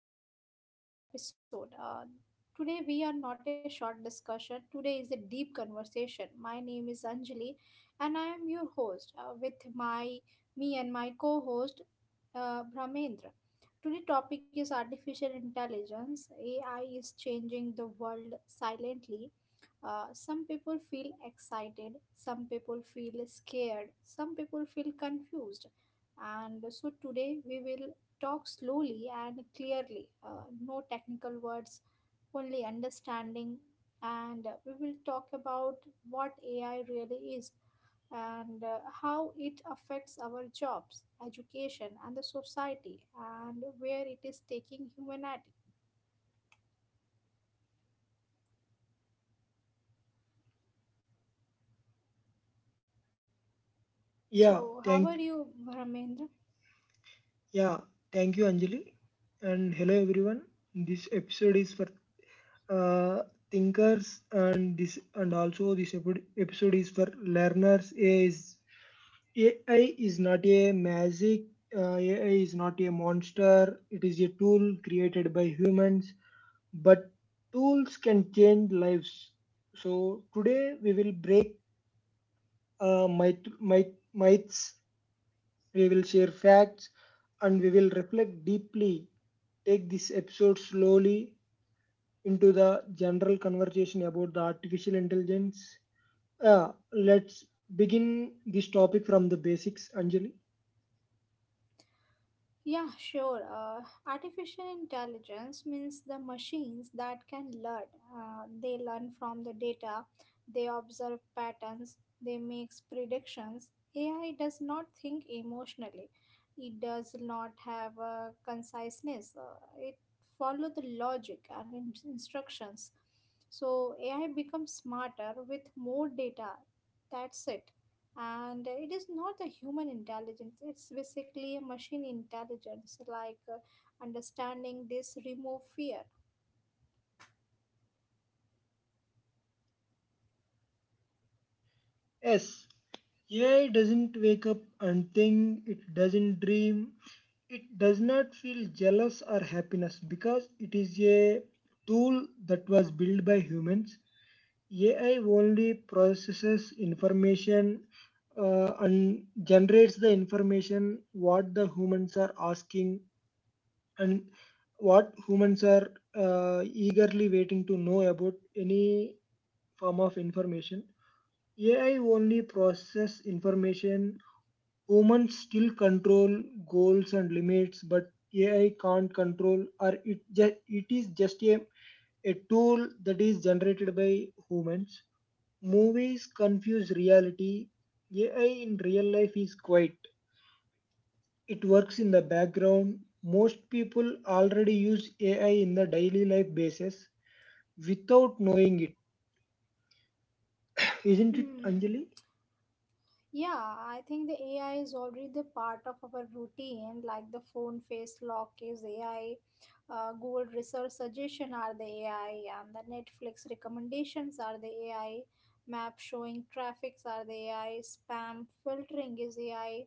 special long format episode. Today, we are not a short discussion, today is a deep conversation. My name is Anjali, and I am your host with my me and my co host Brahmendra. Today topic is artificial intelligence. AI is changing the world silently. Some people feel excited, some people feel scared, some people feel confused, and so today we will talk slowly and clearly, no technical words, only understanding. And we will talk about what AI really is, and how it affects our jobs, education, and the society, and where it is taking humanity. So, Yeah, how are thank you, Ramendra? yeah, thank you, Anjali, and hello everyone. This episode is for uh, thinkers, and this and also this episode is for learners. AI is not a magic. AI is not a monster. It is a tool created by humans, but tools can change lives. So today we will break myths. We will share facts and we will reflect deeply. Take this episode slowly into the general conversation about the artificial intelligence. Yeah, let's begin this topic from the basics, Anjali. Yeah, sure. Artificial intelligence means the machines that can learn. They learn from the data, they observe patterns, they make predictions. AI does not think emotionally, it does not have a conciseness, it follows the logic and instructions. So, AI becomes smarter with more data. That's it, and it is not a human intelligence, it's basically a machine intelligence, like, understanding this remove fear. Yes, AI doesn't wake up and think, it doesn't dream, it does not feel jealous or happiness, because it is a tool that was built by humans. AI only processes information, and generates the information what the humans are asking, and what humans are eagerly waiting to know about any form of information. AI only processes information. Humans still control goals and limits, but AI can't control, or it is just a tool that is generated by humans. Movies confuse reality. AI in real life is quiet. It works in the background. Most people already use AI in the daily life basis without knowing it. Isn't it, Hmm. Anjali? Yeah, I think the AI is already the part of our routine, like the phone face lock is AI. Google research suggestion are the AI, and the Netflix recommendations are the AI. Map showing traffics are the AI. Spam filtering is AI,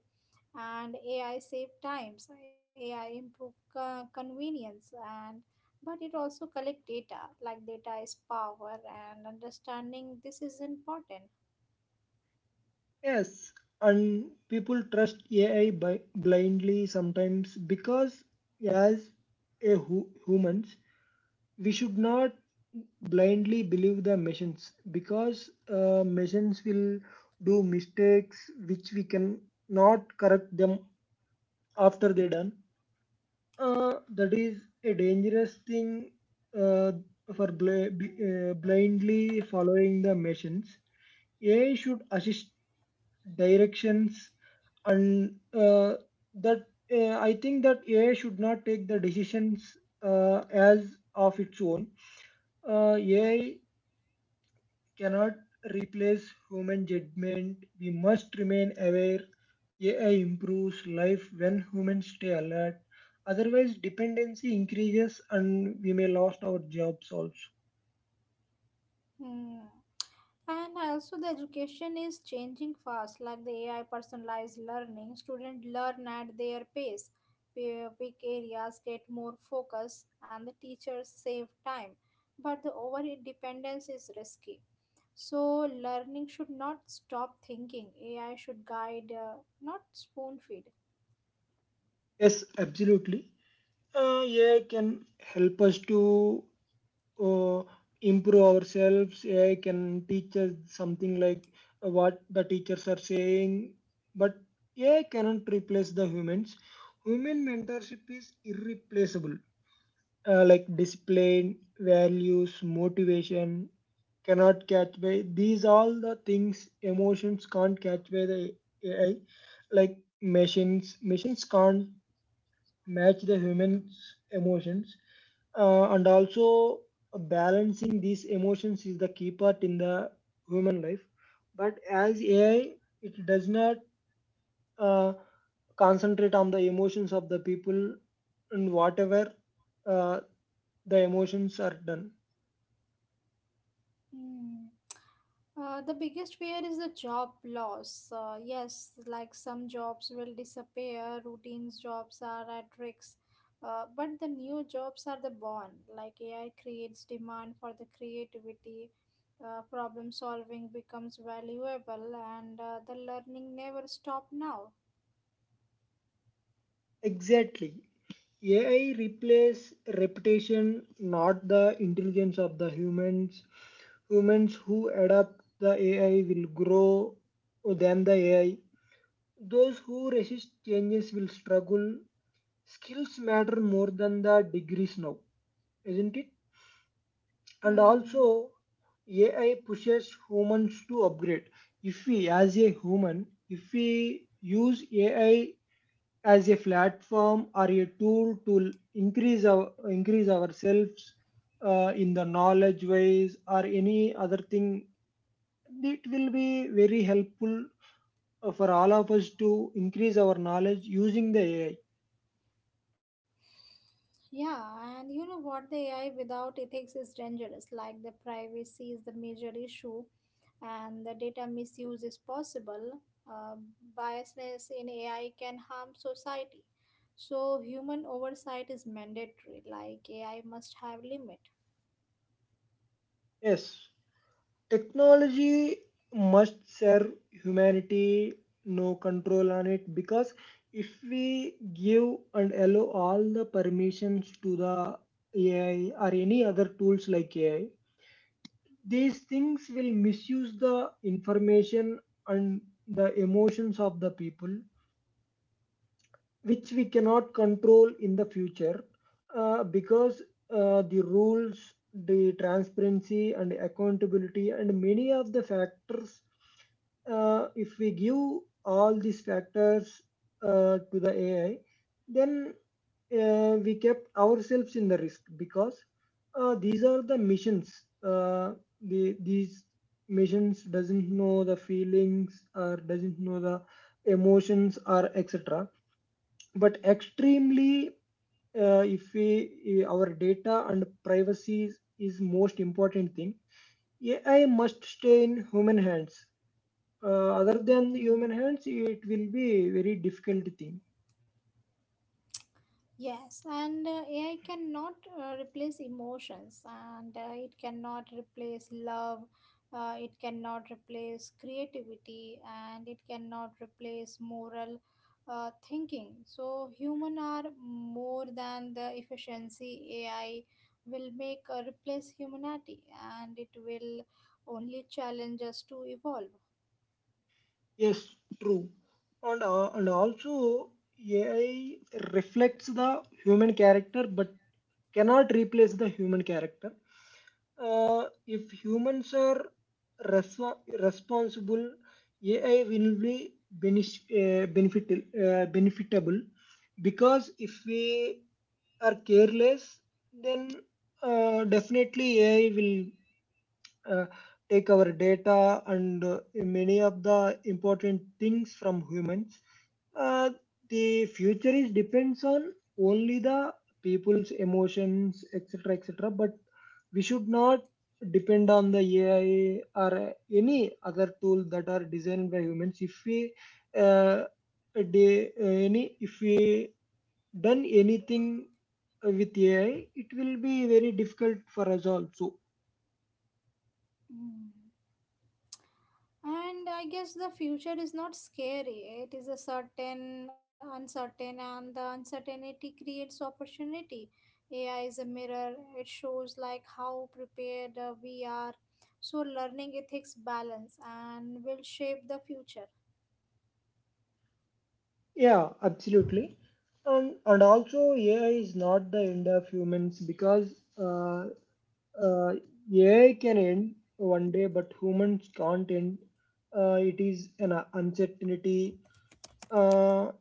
and AI save times, AI improve convenience, and but it also collect data. Like data is power, and understanding this is important. Yes. And people trust AI by blindly sometimes because as a humans we should not blindly believe the machines, because machines will do mistakes which we can not correct them after they're done. That is a dangerous thing, uh, for blindly following the machines. AI should assist directions, and that I think that AI should not take the decisions as of its own. AI cannot replace human judgment. We must remain aware. AI improves life when humans stay alert. Otherwise, dependency increases and we may lost our jobs also. Hmm. And also, the education is changing fast, like the AI personalized learning. Students learn at their pace. Peak areas get more focus, and the teachers save time. But the over dependence is risky. So, learning should not stop thinking. AI should guide, not spoon feed. Yes, absolutely. AI can help us to uh, improve ourselves. AI can teach us something like what the teachers are saying, but AI cannot replace the humans. Human mentorship is irreplaceable, like discipline, values, motivation cannot catch by these all the things. Emotions can't catch by the AI, like machines can't match the humans emotions, and also balancing these emotions is the key part in the human life. But as AI, it does not uh, concentrate on the emotions of the people and whatever uh, the emotions are done. Hmm. The biggest fear is the job loss. Yes, like some jobs will disappear, routines jobs are at risk, but the new jobs are the born. Like AI creates demand for the creativity, problem solving becomes valuable, and the learning never stop now. Exactly. AI replace reputation, not the intelligence of the humans. Humans who adapt the AI will grow than the AI. Those who resist changes will struggle. Skills matter more than the degrees now, isn't it? And also Hmm. AI pushes humans to upgrade. If we as a human, if we use AI as a platform or a tool to increase ourselves, in the knowledge wise or any other thing, it will be very helpful for all of us to increase our knowledge using the AI. Yeah, and you know what? The AI without ethics is dangerous. Like the privacy is the major issue, and the data misuse is possible, uh, biasness in AI can harm society. So human oversight is mandatory, like AI must have limit. Yes. Technology must serve humanity, no control on it, because if we give and allow all the permissions to the AI or any other tools like AI, these things will misuse the information and the emotions of the people, which we cannot control in the future, because the rules, the transparency, and accountability, and many of the factors, if we give all these factors to the AI, then we kept ourselves in the risk, because these are the missions. Uh, these missions doesn't know the feelings or doesn't know the emotions or etc., but extremely, if we our data and privacy is most important thing. AI must stay in human hands, other than human hands it will be very difficult thing. Yes, and AI cannot replace emotions, and it cannot replace love, it cannot replace creativity, and it cannot replace moral thinking. So, human are more than the efficiency AI will make replace humanity, and it will only challenge us to evolve. Yes, true. And also AI reflects the human character but cannot replace the human character. If humans are responsible, AI will be benefitable, because if we are careless, then definitely AI will uh, take our data and many of the important things from humans. Uh, the future is depends on only the people's emotions, etc., etc. But we should not depend on the AI or any other tool that are designed by humans. If we uh, de- any if we done anything with AI, it will be very difficult for us also. Mm. And I guess the future is not scary. It is a certain, uncertain, and the uncertainty creates opportunity. AI is a mirror. It shows like how prepared we are. So learning ethics balance and will shape the future. Yeah, absolutely. And also AI is not the end of humans, because uh, AI can end one day, but humans can't end. It is an uncertainty. Uh,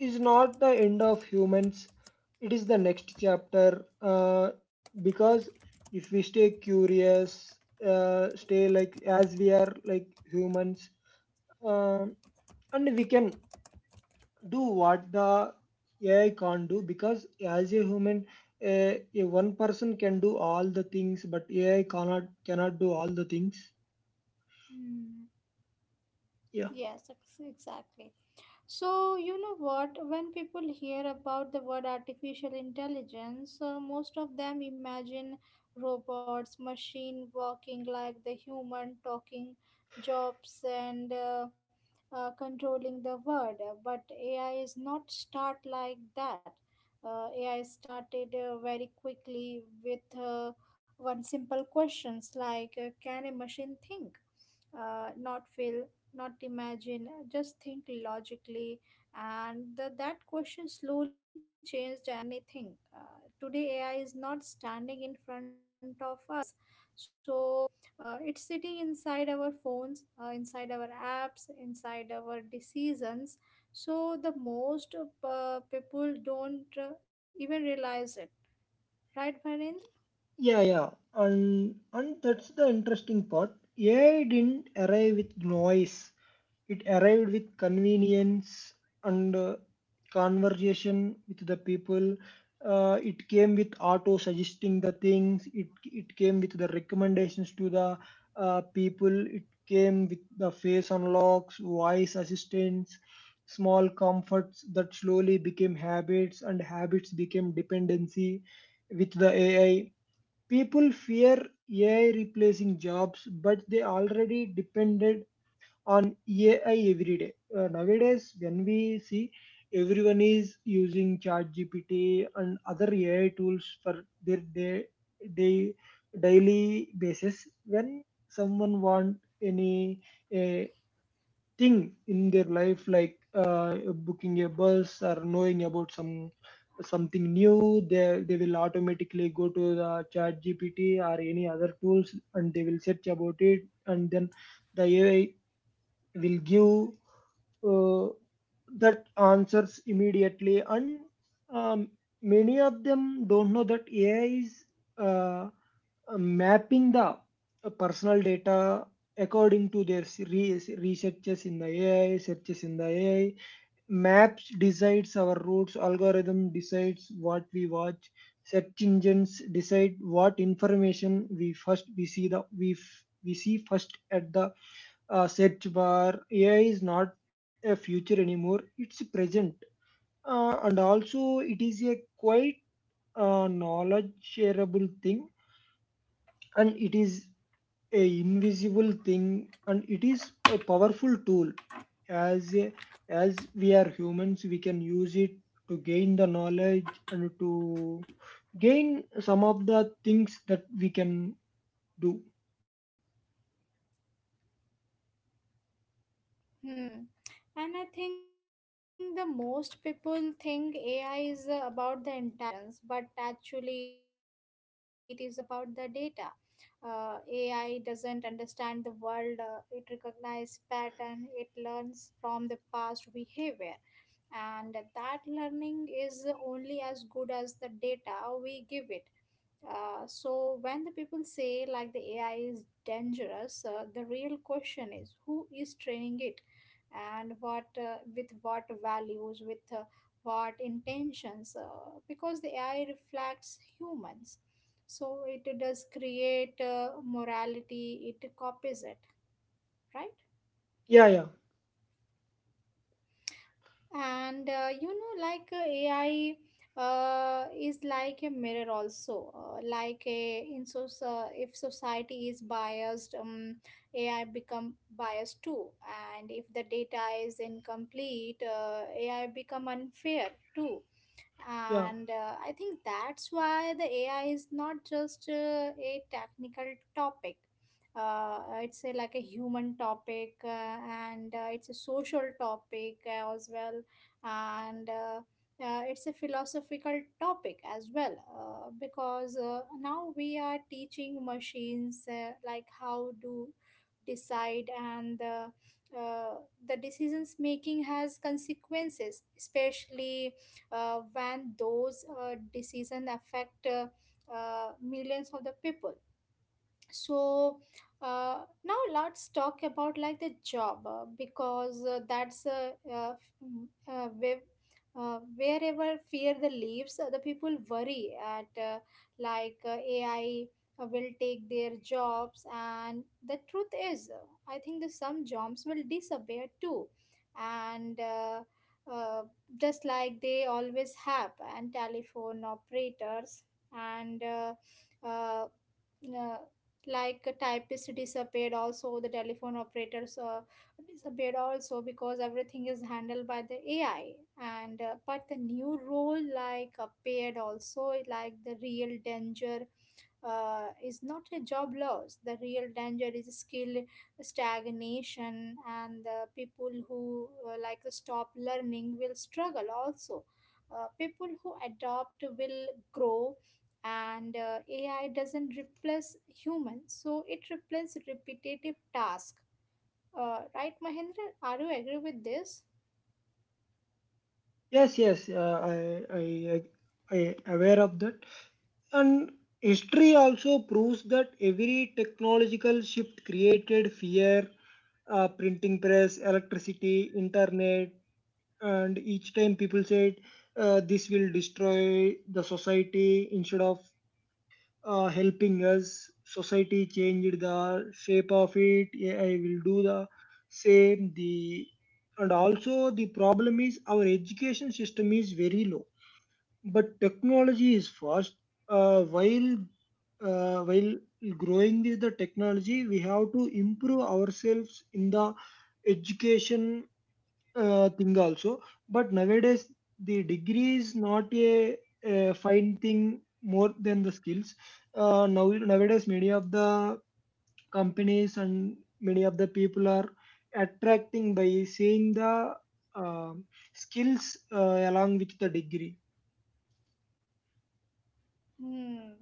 is not the end of humans. It is the next chapter. Because if we stay curious, stay like as we are like humans, uh, and we can do what the AI can't do, because as a human, a one person can do all the things, but AI cannot do all the things. Hmm. Yeah, Yes, exactly. So, you know what? When people hear about the word artificial intelligence, most of them imagine robots, machine walking like the human, talking jobs, and controlling the world. But AI is not start like that. AI started very quickly with one simple questions like, can a machine think? Not feel, not imagine, just think logically, and that question slowly changed anything. Today, AI is not standing in front of us, so it's sitting inside our phones, inside our apps, inside our decisions, so the most people don't even realize it, right, Bharendra? yeah, yeah, and that's the interesting part. AI didn't arrive with noise. It arrived with convenience and conversation with the people. It came with auto suggesting the things. It came with the recommendations to the people. It came with the face unlocks, voice assistance, small comforts that slowly became habits, and habits became dependency with the AI. People fear AI replacing jobs, but they already depended on AI every day. Nowadays, when we see everyone is using ChatGPT and other AI tools for their day, day daily basis. When someone want any uh, thing in their life, like booking a bus or knowing about something new, they will automatically go to the ChatGPT or any other tools and they will search about it, and then the AI will give uh, that answers immediately. And um, many of them don't know that AI is uh, mapping the personal data according to their researches in the AI, searches in the AI. Maps decides our routes, algorithm decides what we watch, search engines decide what information we see first at the search bar. AI is not a future anymore; it's present, and also it is a quite knowledge shareable thing, and it is a invisible thing, and it is a powerful tool. As a, as we are humans, we can use it to gain the knowledge and to gain some of the things that we can do. Hmm. And I think the most people think AI is, about the intelligence, but actually it is about the data. AI doesn't understand the world. It recognizes pattern, it learns from the past behavior, and that learning is only as good as the data we give it. So, when the people say like the AI is dangerous, the real question is who is training it, and what, with what values, with, what intentions, because the AI reflects humans, so it does create morality, it copies it, right? Yeah, yeah, And, like, AI, is like a mirror also, like a in so so- if society is biased, AI become biased too. And if the data is incomplete, AI become unfair too. yeah. And, I think that's why the AI is not just, a technical topic, it's like a human topic, and it's a social topic as well, and it's a philosophical topic as well, because now we are teaching machines, like how to decide, and uh, the decisions making has consequences, especially when those decisions affect millions of the people. So, now let's talk about like the job, because, that's wherever fear the leaves, the people worry at, like, AI, will take their jobs, and the truth is, I think that some jobs will disappear too, and uh, just like they always have, and telephone operators, and uh, uh, like a typist disappeared, also the telephone operators disappeared also, because everything is handled by the AI. And, but the new role like appeared also, like the real danger, is not a job loss. The real danger is skill stagnation, and the people who like stop learning will struggle also. People who adopt will grow, and AI doesn't replace humans, so it replaces repetitive tasks. Right, Mahendra? Are you agree with this? Yes, yes. I, I aware of that. And history also proves that every technological shift created fear, printing press, electricity, internet. And each time people said this will destroy the society instead of helping us. Society changed the shape of it. AI will do the same. The and also the problem is our education system is very low but technology is fast. Uh, while while growing with the technology, we have to improve ourselves in the education thing also. But nowadays, the degree is not a fine thing more than the skills. Nowadays, many of the companies and many of the people are attracting by seeing the um skills along with the degree. Hmm.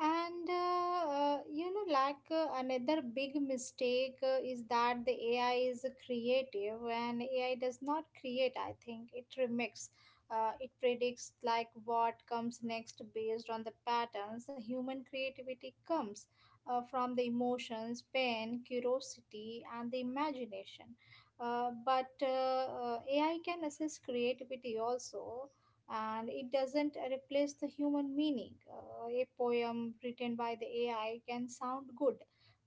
And like, another big mistake, is that the AI is creative, and AI does not create, I think it remix. It predicts like what comes next based on the patterns. The human creativity comes, from the emotions, pain, curiosity, and the imagination. But AI can assist creativity also, and it doesn't replace the human meaning. A poem written by the AI can sound good,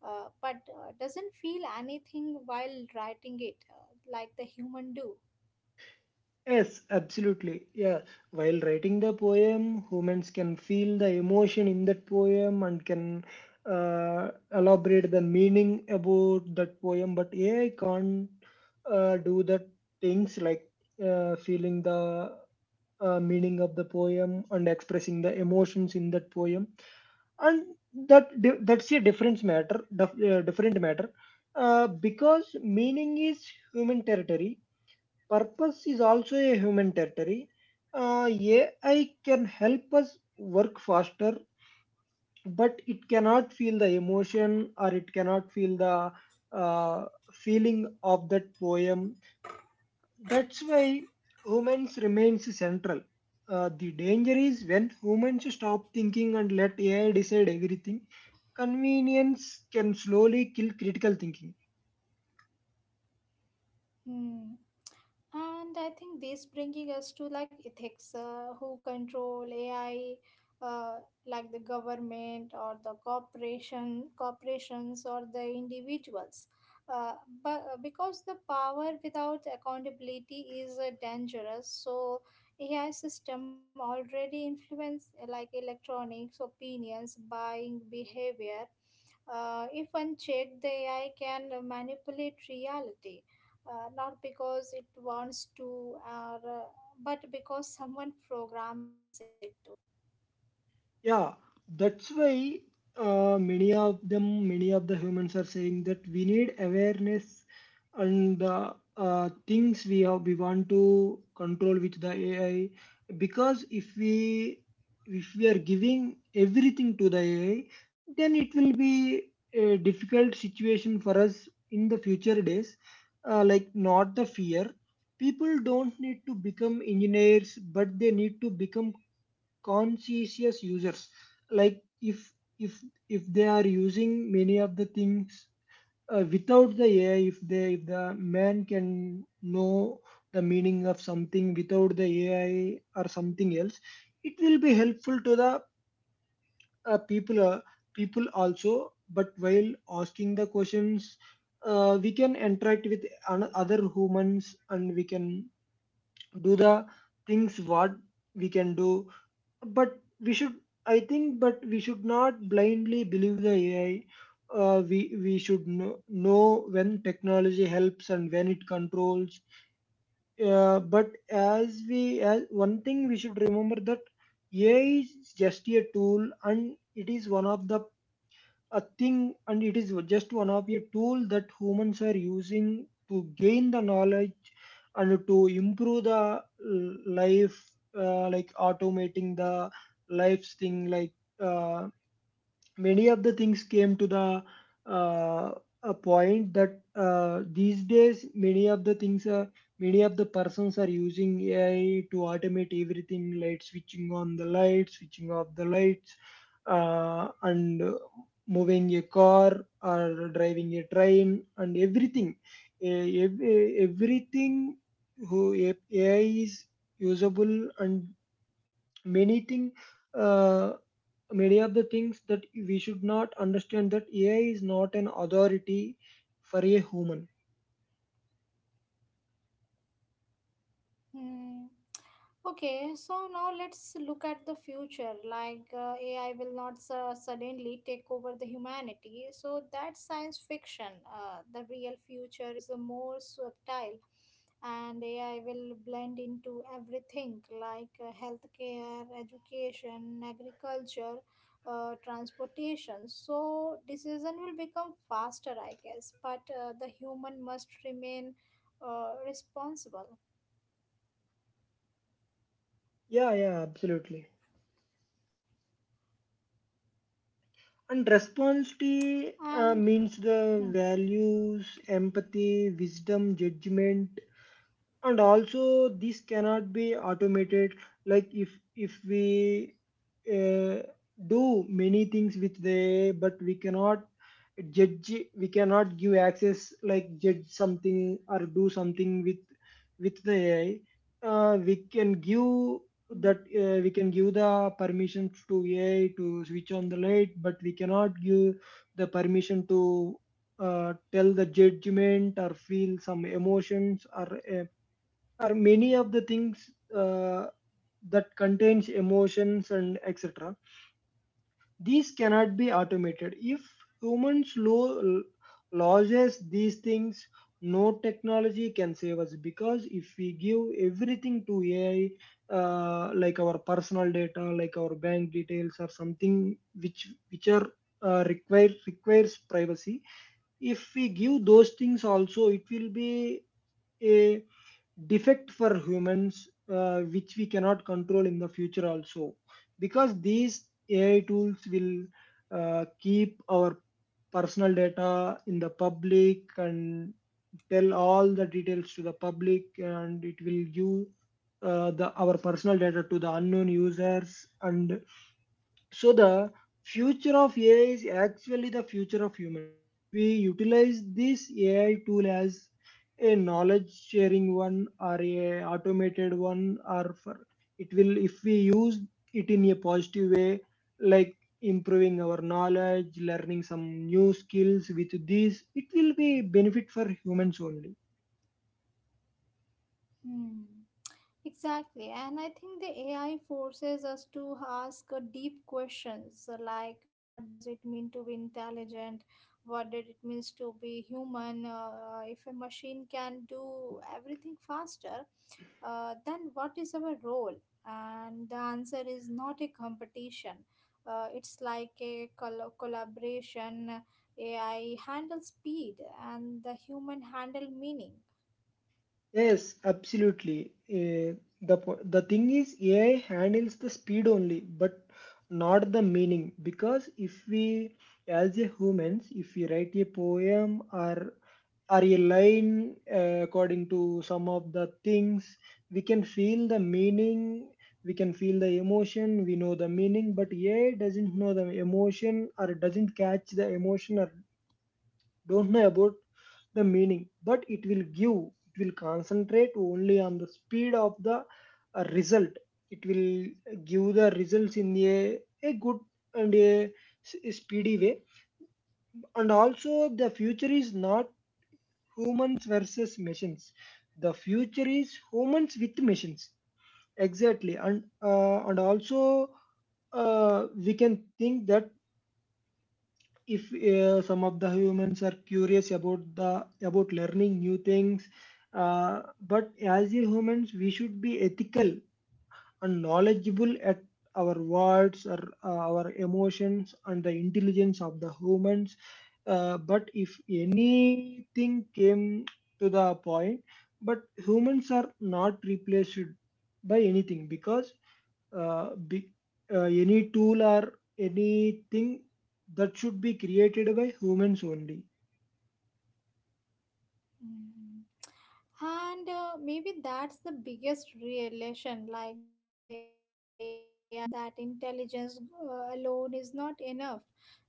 but doesn't feel anything while writing it, like the human do. Yes, absolutely. Yeah, while writing the poem, humans can feel the emotion in that poem and can elaborate the meaning about that poem. But AI can't do that things like feeling the meaning of the poem and expressing the emotions in that poem. And that's a difference matter, different matter, because meaning is human territory. Purpose is also a human territory. AI can help us work faster, but it cannot feel the emotion or it cannot feel the uh, feeling of that poem. That's why humans remains central. The danger is when humans stop thinking and let AI decide everything. Convenience can slowly kill critical thinking. Hmm. And I think this bringing us to like ethics, who control AI, uh, like the government or corporations or the individuals. Uh, but because the power without accountability is, dangerous, so AI system already influence, like electronics, opinions, buying behavior, if unchecked, the AI can manipulate reality, not because it wants to, or, uh, but because someone programs it to. Yeah, that's why many of the humans are saying that we need awareness, and things we have, we want to control with the AI, because if we are giving everything to the AI, then it will be a difficult situation for us in the future days. Like not the fear. People don't need to become engineers, but they need to become conscientious users. Like if if if they are using many of the things without the ai, if they if the man can know the meaning of something without the ai or something else, it will be helpful to the people. People also, but while asking the questions, we can interact with other humans and we can do the things what we can do. But we should I think but we should not blindly believe the ai. We should know when technology helps and when it controls. But as one thing we should remember that ai is just a tool, and it is one of the a thing and it is just one of a tool that humans are using to gain the knowledge and to improve the life. Like automating the lives thing, like uh, many of the things came to the uh, a point that these days many of the persons are using AI to automate everything, like switching on the lights, switching off the lights, and moving a car or driving a train and everything. Everything who AI is usable, and many things, many of the things that we should not understand that AI is not an authority for a human. Hmm. Okay, so now let's look at the future. Like AI will not suddenly take over the humanity. So that's science fiction. The real future is, more subtle, and AI will blend into everything, like, healthcare, education, agriculture, transportation. So decision will become faster, I guess. But, the human must remain, responsible. Yeah, yeah, absolutely. And responsibility And means hmm, the values, empathy, wisdom, judgment, and also this cannot be automated. Like if if we uh, do many things with the, but we cannot judge. We cannot give access, like judge something or do something with the ai. We can give that, we can give the permission to ai to switch on the light, but we cannot give the permission to tell the judgment or feel some emotions, or are many of the things uh, that contains emotions and etc. These cannot be automated. If humans loses these things, no technology can save us, because if we give everything to ai, like our personal data, like our bank details or something, which are requires privacy, if we give those things also, it will be a defect for humans, which we cannot control in the future also, because these ai tools will keep our personal data in the public and tell all the details to the public, and it will give the our personal data to the unknown users. And so the future of AI is actually the future of humans. If we utilize this AI tool as a knowledge sharing one or a automated one, or for, it will, if we use it in a positive way, like improving our knowledge, learning some new skills with this, it will be benefit for humans only. hmm. Exactly. And I think the AI forces us to ask, deep questions, like, what does it mean to be intelligent? What did it means to be human? If a machine can do everything faster, then what is our role? And the answer is not a competition. It's like a collaboration. AI handle speed, and the human handle meaning. Yes, absolutely. The thing is, AI handles the speed only, but not the meaning. Because if we, as a humans, if we write a poem or a line according to some of the things, we can feel the meaning. We can feel the emotion. We know the meaning, but AI doesn't know the emotion, or doesn't catch the emotion, or don't know about the meaning, but it will give, it will concentrate only on the speed of the result. It will give the results in a good and a speedy way. And also, the future is not humans versus machines, the future is humans with machines. Exactly. And and also we can think that if some of the humans are curious about the about learning new things, but as a humans we should be ethical and knowledgeable at our words, or our emotions and the intelligence of the humans. But if anything came to the point, but humans are not replaced by anything, because uh, be, any tool or anything, that should be created by humans only. Mm. And maybe that's the biggest realization. Like the AI give us, that intelligence, alone is not enough,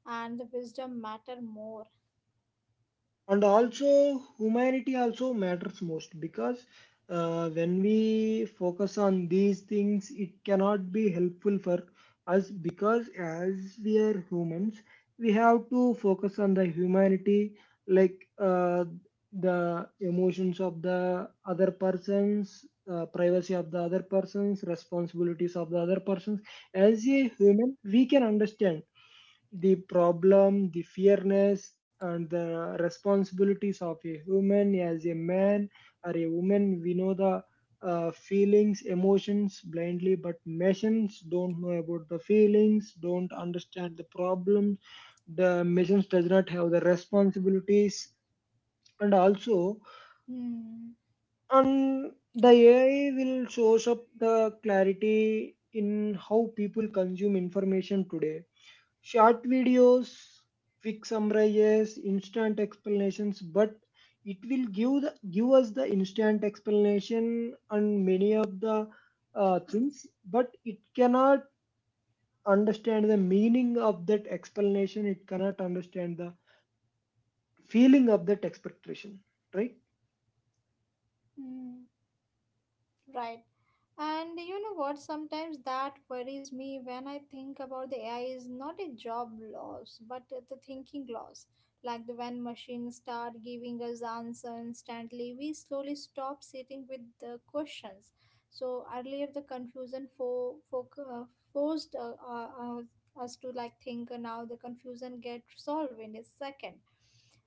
and the wisdom matter more. And also humanity also matters most, because when we focus on these things, it cannot be helpful for us, because as we are humans, we have to focus on the humanity, like the emotions of the other persons, privacy of the other persons, responsibilities of the other persons. As a human, we can understand the problem, the fairness, and the responsibilities of a human as a man or a woman. We know the feelings, emotions blindly, but machines don't know about the feelings, don't understand the problems. The machines does not have the responsibilities, and also, Hmm. and the AI will shows up the clarity in how people consume information today. Short videos, quick summaries, instant explanations, but it will give give us the instant explanation on many of the things, but it cannot understand the meaning of that explanation. It cannot understand the feeling of that expectation, right? Hmm. Right. And you know what? Sometimes that worries me when I think about the AI is not a job loss, but the thinking loss. Like the when machines start giving us answer instantly, we slowly stop sitting with the questions. So earlier the confusion forced us to like think. Now the confusion gets solved in a second,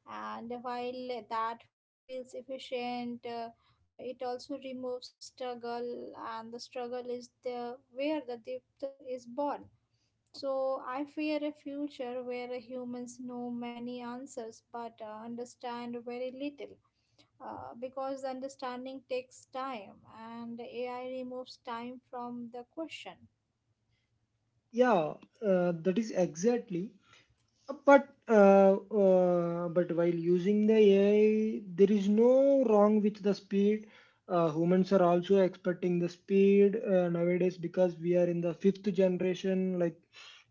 and while that feels efficient, it also removes struggle, and the struggle is the where the depth is born. So I fear a future where humans know many answers but understand very little. Because the understanding takes time, and AI removes time from the question. Yeah, that is exactly. But but while using the AI, there is no wrong with the speed. Humans are also expecting the speed nowadays, because we are in the fifth generation, like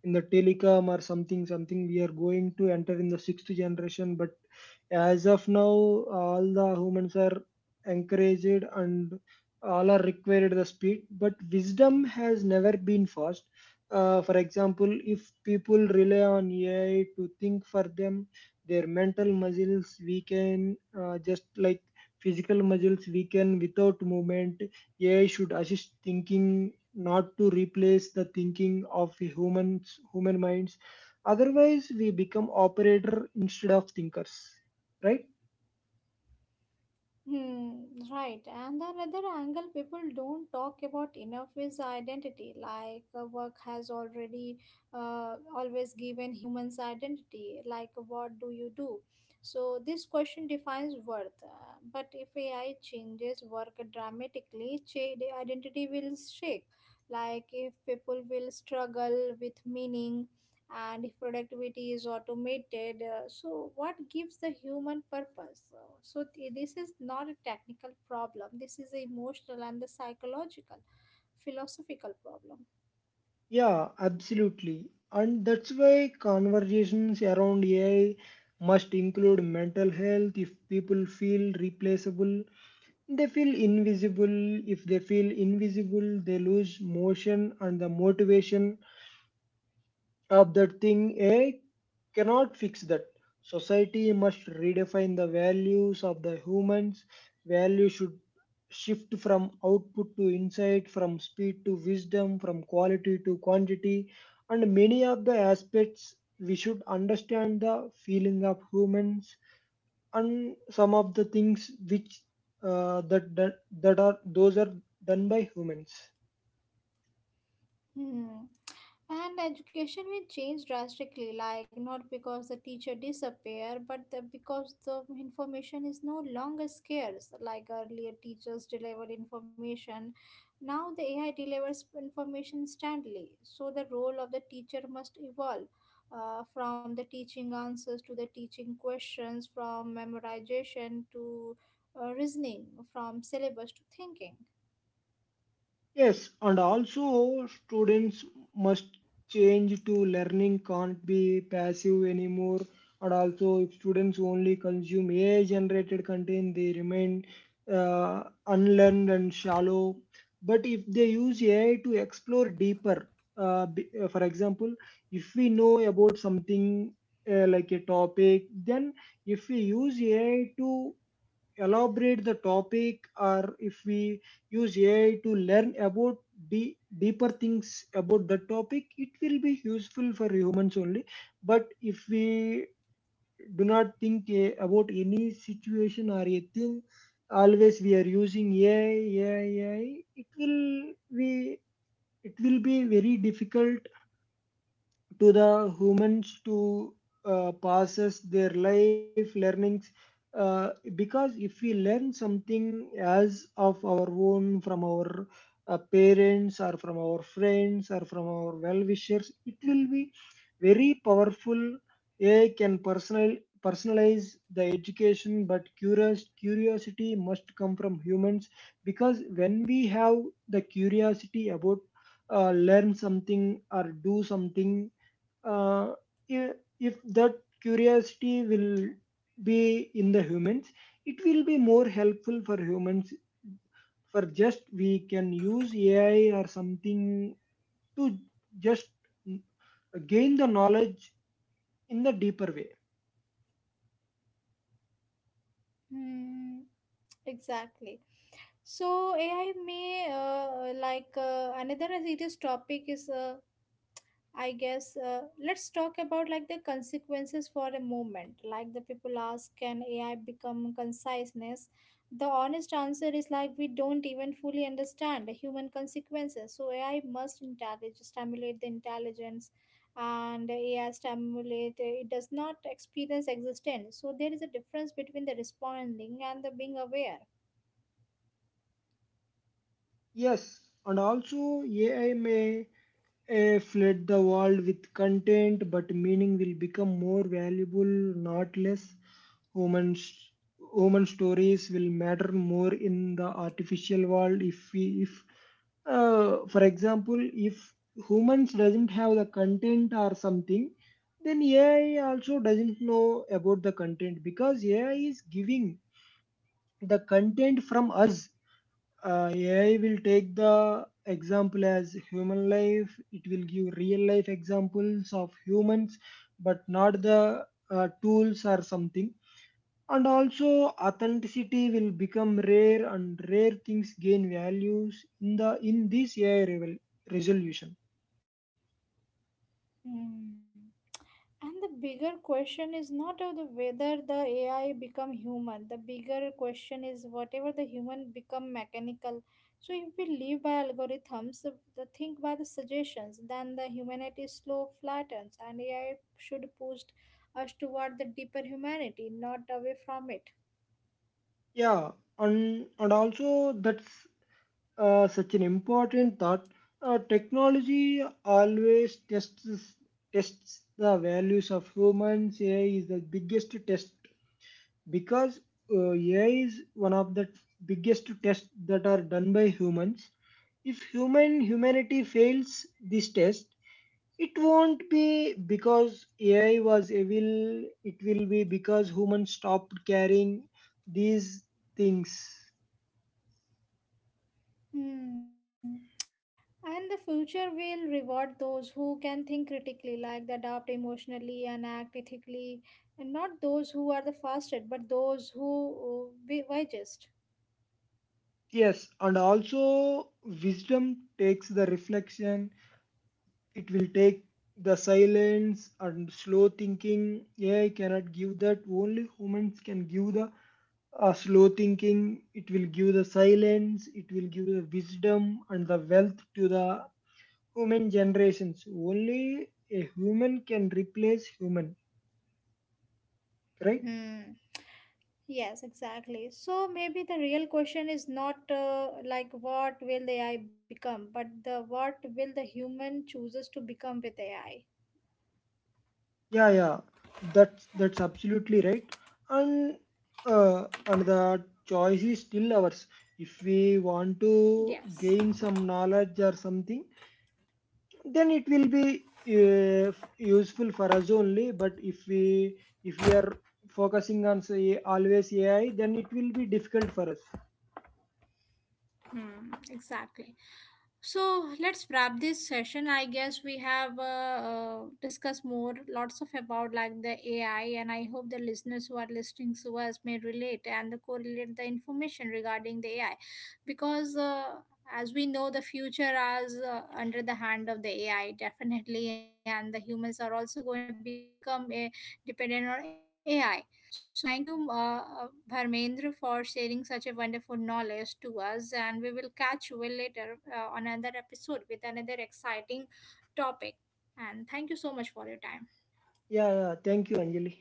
in the telecom or something. Something we are going to enter in the sixth generation. But as of now, all the humans are encouraged and all are required the speed. But wisdom has never been fast. For example, if people rely on AI to think for them, their mental muscles weaken, just like physical muscles weaken without movement. AI should assist thinking, not to replace the thinking of humans, human minds. Otherwise, we become operator instead of thinkers, right? Hmm, right. And the another angle people don't talk about enough is identity. Like work has already always given humans identity. Like what do you do? So this question defines worth. But if AI changes work dramatically, the identity will shake. Like if people will struggle with meaning, and if productivity is automated, so what gives the human purpose, so, this is not a technical problem, this is a emotional and the psychological philosophical problem. Yeah, absolutely. And that's why conversations around AI must include mental health. If people feel replaceable, they feel invisible. If they feel invisible, they lose motion and the motivation of that thing. AI cannot fix that. Society must redefine the values of the humans. Value should shift from output to insight, from speed to wisdom, from quality to quantity. And many of the aspects, we should understand the feeling of humans and some of the things which uh, that, that that are, those are done by humans. Hmm. And education will change drastically, like not because the teacher disappear, but because the information is no longer scarce. Like earlier, teachers delivered information. Now the AI delivers information instantly. So the role of the teacher must evolve, from the teaching answers to the teaching questions, from memorization to, reasoning, from syllabus to thinking. Yes, and also students must change to learning. Can't be passive anymore. And also, if students only consume AI-generated content, they remain unlearned and shallow. But if they use AI to explore deeper, for example, if we know about something like a topic, then if we use AI to elaborate the topic, or if we use AI to learn about deeper things about the topic, it will be useful for humans only. But if we do not think, about any situation or a thing, always we are using AI, it will be, it will be very difficult to the humans to process their life learnings, uh, because if we learn something as of our own from our parents, or from our friends, or from our well-wishers, it will be very powerful. Ai can personalize the education, but curious curiosity must come from humans. Because when we have the curiosity about learn something or do something, uh, i- if that curiosity will be in the humans, it will be more helpful for humans. For, just we can use ai or something to just gain the knowledge in the deeper way. Hmm. Exactly. So AI may, like, another serious topic is, I guess, let's talk about like the consequences for a moment. Like the people ask, can AI become conciseness? The honest answer is like we don't even fully understand the human consequences. So AI must intelligence stimulate the intelligence, and AI stimulate, it does not experience existence. So there is a difference between the responding and the being aware. Yes, and also ai may A flood the world with content, but meaning will become more valuable, not less. Human, Human stories will matter more in the artificial world. If we, if, For example, if humans doesn't have the content or something, then AI also doesn't know about the content, because AI is giving the content from us. AI will take the example as human life. It will give real life examples of humans, but not the tools or something. And also, authenticity will become rare, and rare things gain values in the in this AI resolution. Hmm. And the bigger question is not of the whether the AI become human. The bigger question is whatever the human become mechanical. So if we live by algorithms, if the think by the suggestions, then the humanity slow flattens, and AI should push us toward the deeper humanity, not away from it. Yeah, and also that's such an important thought. Technology always tests the values of humans. AI is the biggest test, because AI is one of the biggest tests that are done by humans. If humanity fails this test, it won't be because AI was evil. It will be because humans stopped caring these things. Hmm. And the future will reward those who can think critically, like they adapt emotionally and act ethically, and not those who are the fastest, but those who, be wisest. Yes, and also wisdom takes the reflection. It will take the silence and slow thinking. AI cannot give that, only humans can give the slow thinking. It will give the silence, it will give the wisdom and the wealth to the human generations. Only a human can replace human, right? Hmm. Yes, exactly. So maybe the real question is not, like what will the AI become, but the what will the human chooses to become with AI. Yeah, yeah, that's absolutely right. And and the choice is still ours. If we want to Yes. gain some knowledge or something, then it will be uh, useful for us only. But if we, if we are focusing on say always AI, then it will be difficult for us. Hmm, exactly. So let's wrap this session. I guess we have, discussed more, lots of about like the AI, and I hope the listeners who are listening to us may relate and correlate the information regarding the AI, because, as we know, the future is, under the hand of the AI definitely, and the humans are also going to become a dependent on AI. So, thank you, Bharmendra, for sharing such a wonderful knowledge to us. And we will catch you later, on another episode with another exciting topic. And thank you so much for your time. Yeah, yeah. Thank you, Anjali.